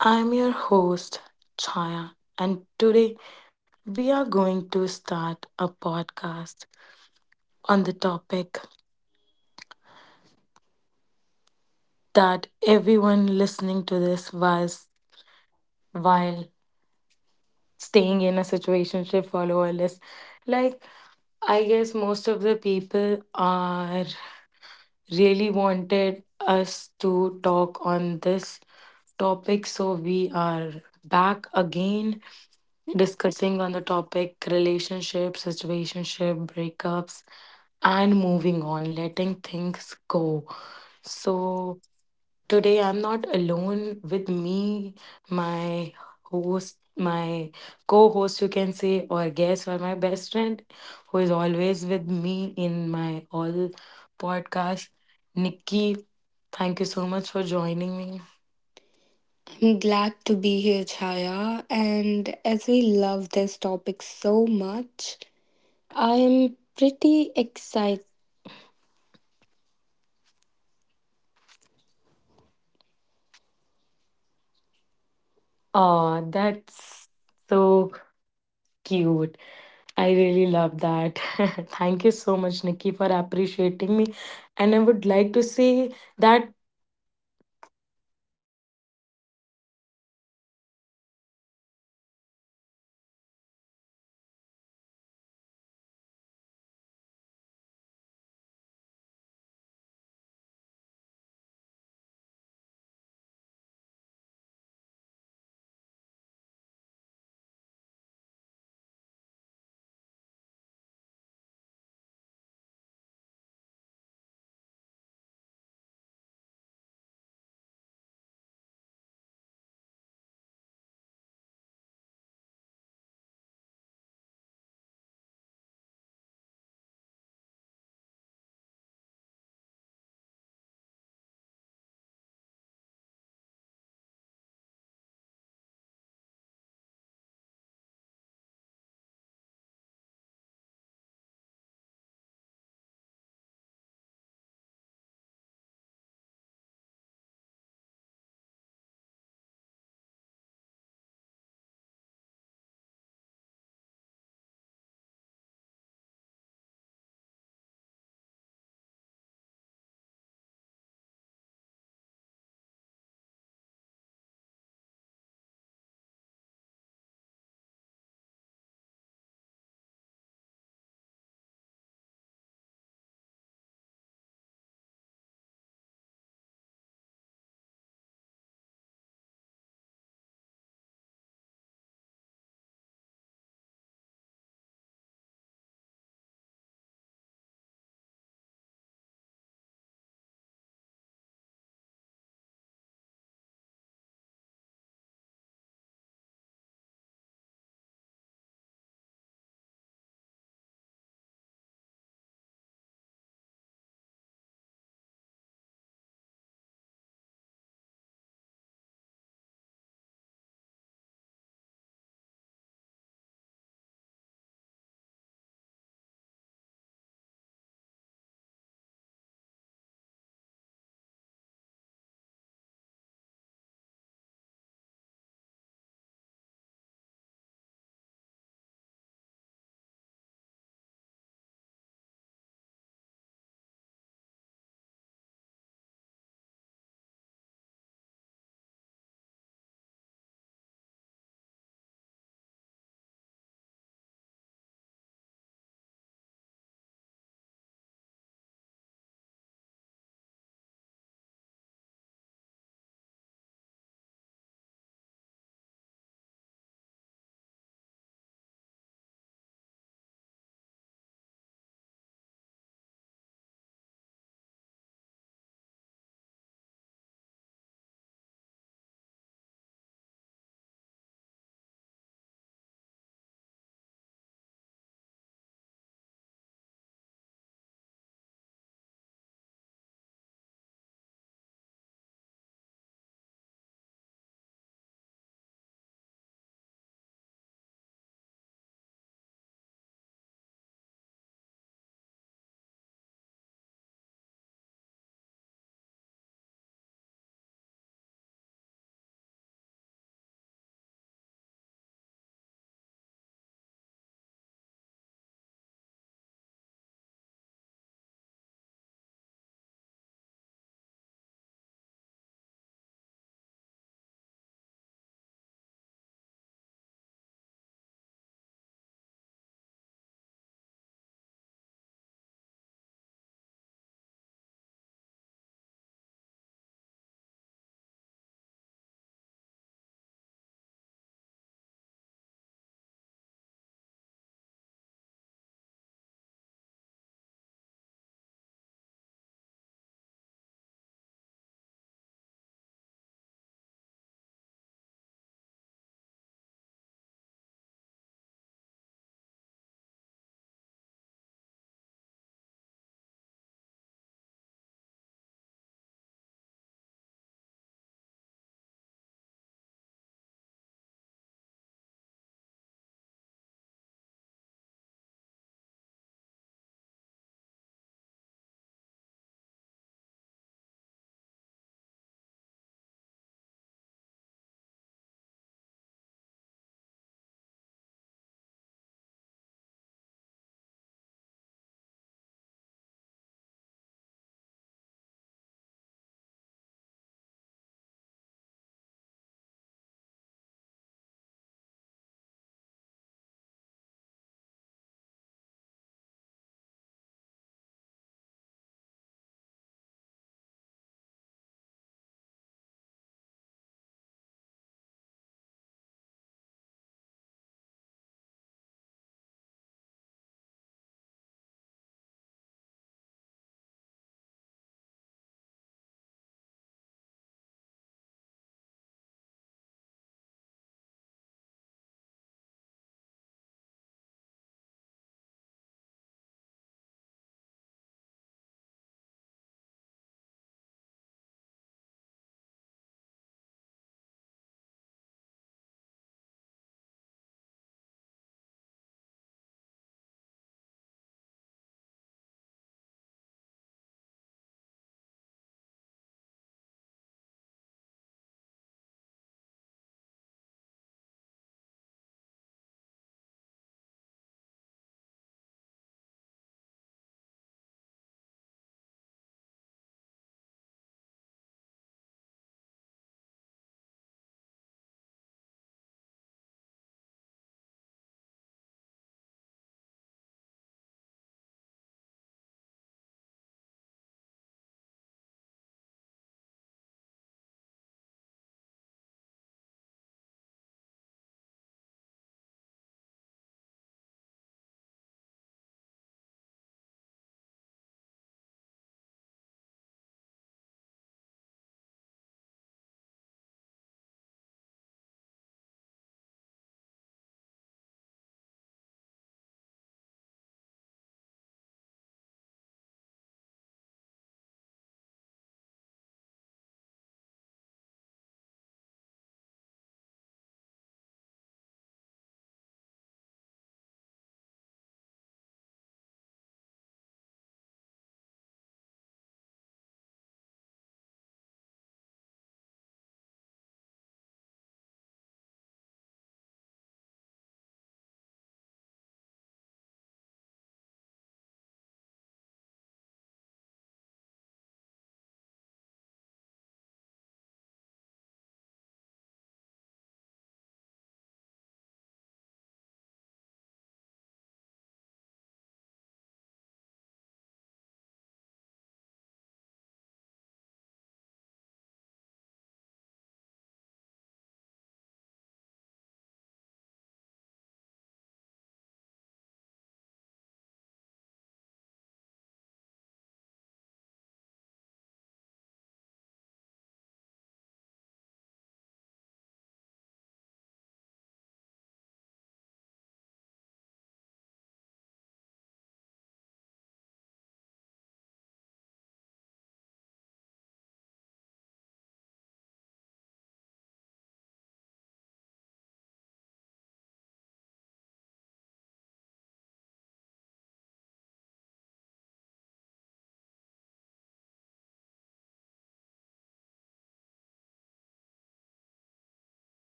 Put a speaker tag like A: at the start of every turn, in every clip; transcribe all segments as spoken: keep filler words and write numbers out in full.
A: I'm your host, Chaya, and today we are going to start a podcast on the topic that everyone listening to this was while staying in a situationship follower list. Like, I guess most of the people are really wanted us to talk on this topic. So we are back again discussing on the topic relationships, situationship, breakups, and moving on, letting things go. So today I'm not alone with me, my host, my co host, you can say, or guest, or my best friend, who is always with me in my all podcasts. Nikki, thank you so much for joining me.
B: I'm glad to be here, Chaya. And as we love this topic so much, I am pretty
A: Oh, that's so cute. I really love that. Thank you so much, Nikki, for appreciating me. And I would like to say that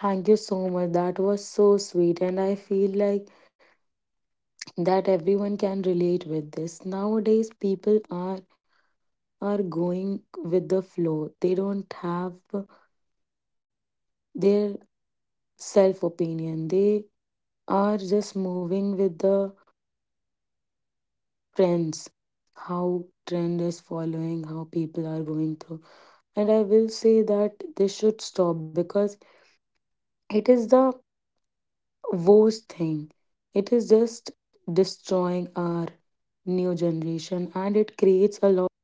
A: thank you so much. That was so sweet. And I feel like that everyone can relate with this. Nowadays, people are are going with the flow. They don't have their self opinion. They are just moving with the trends, how trend is following, how people are going through. And I will say that they should stop because it is the worst thing. It is just destroying our new generation and it creates a lot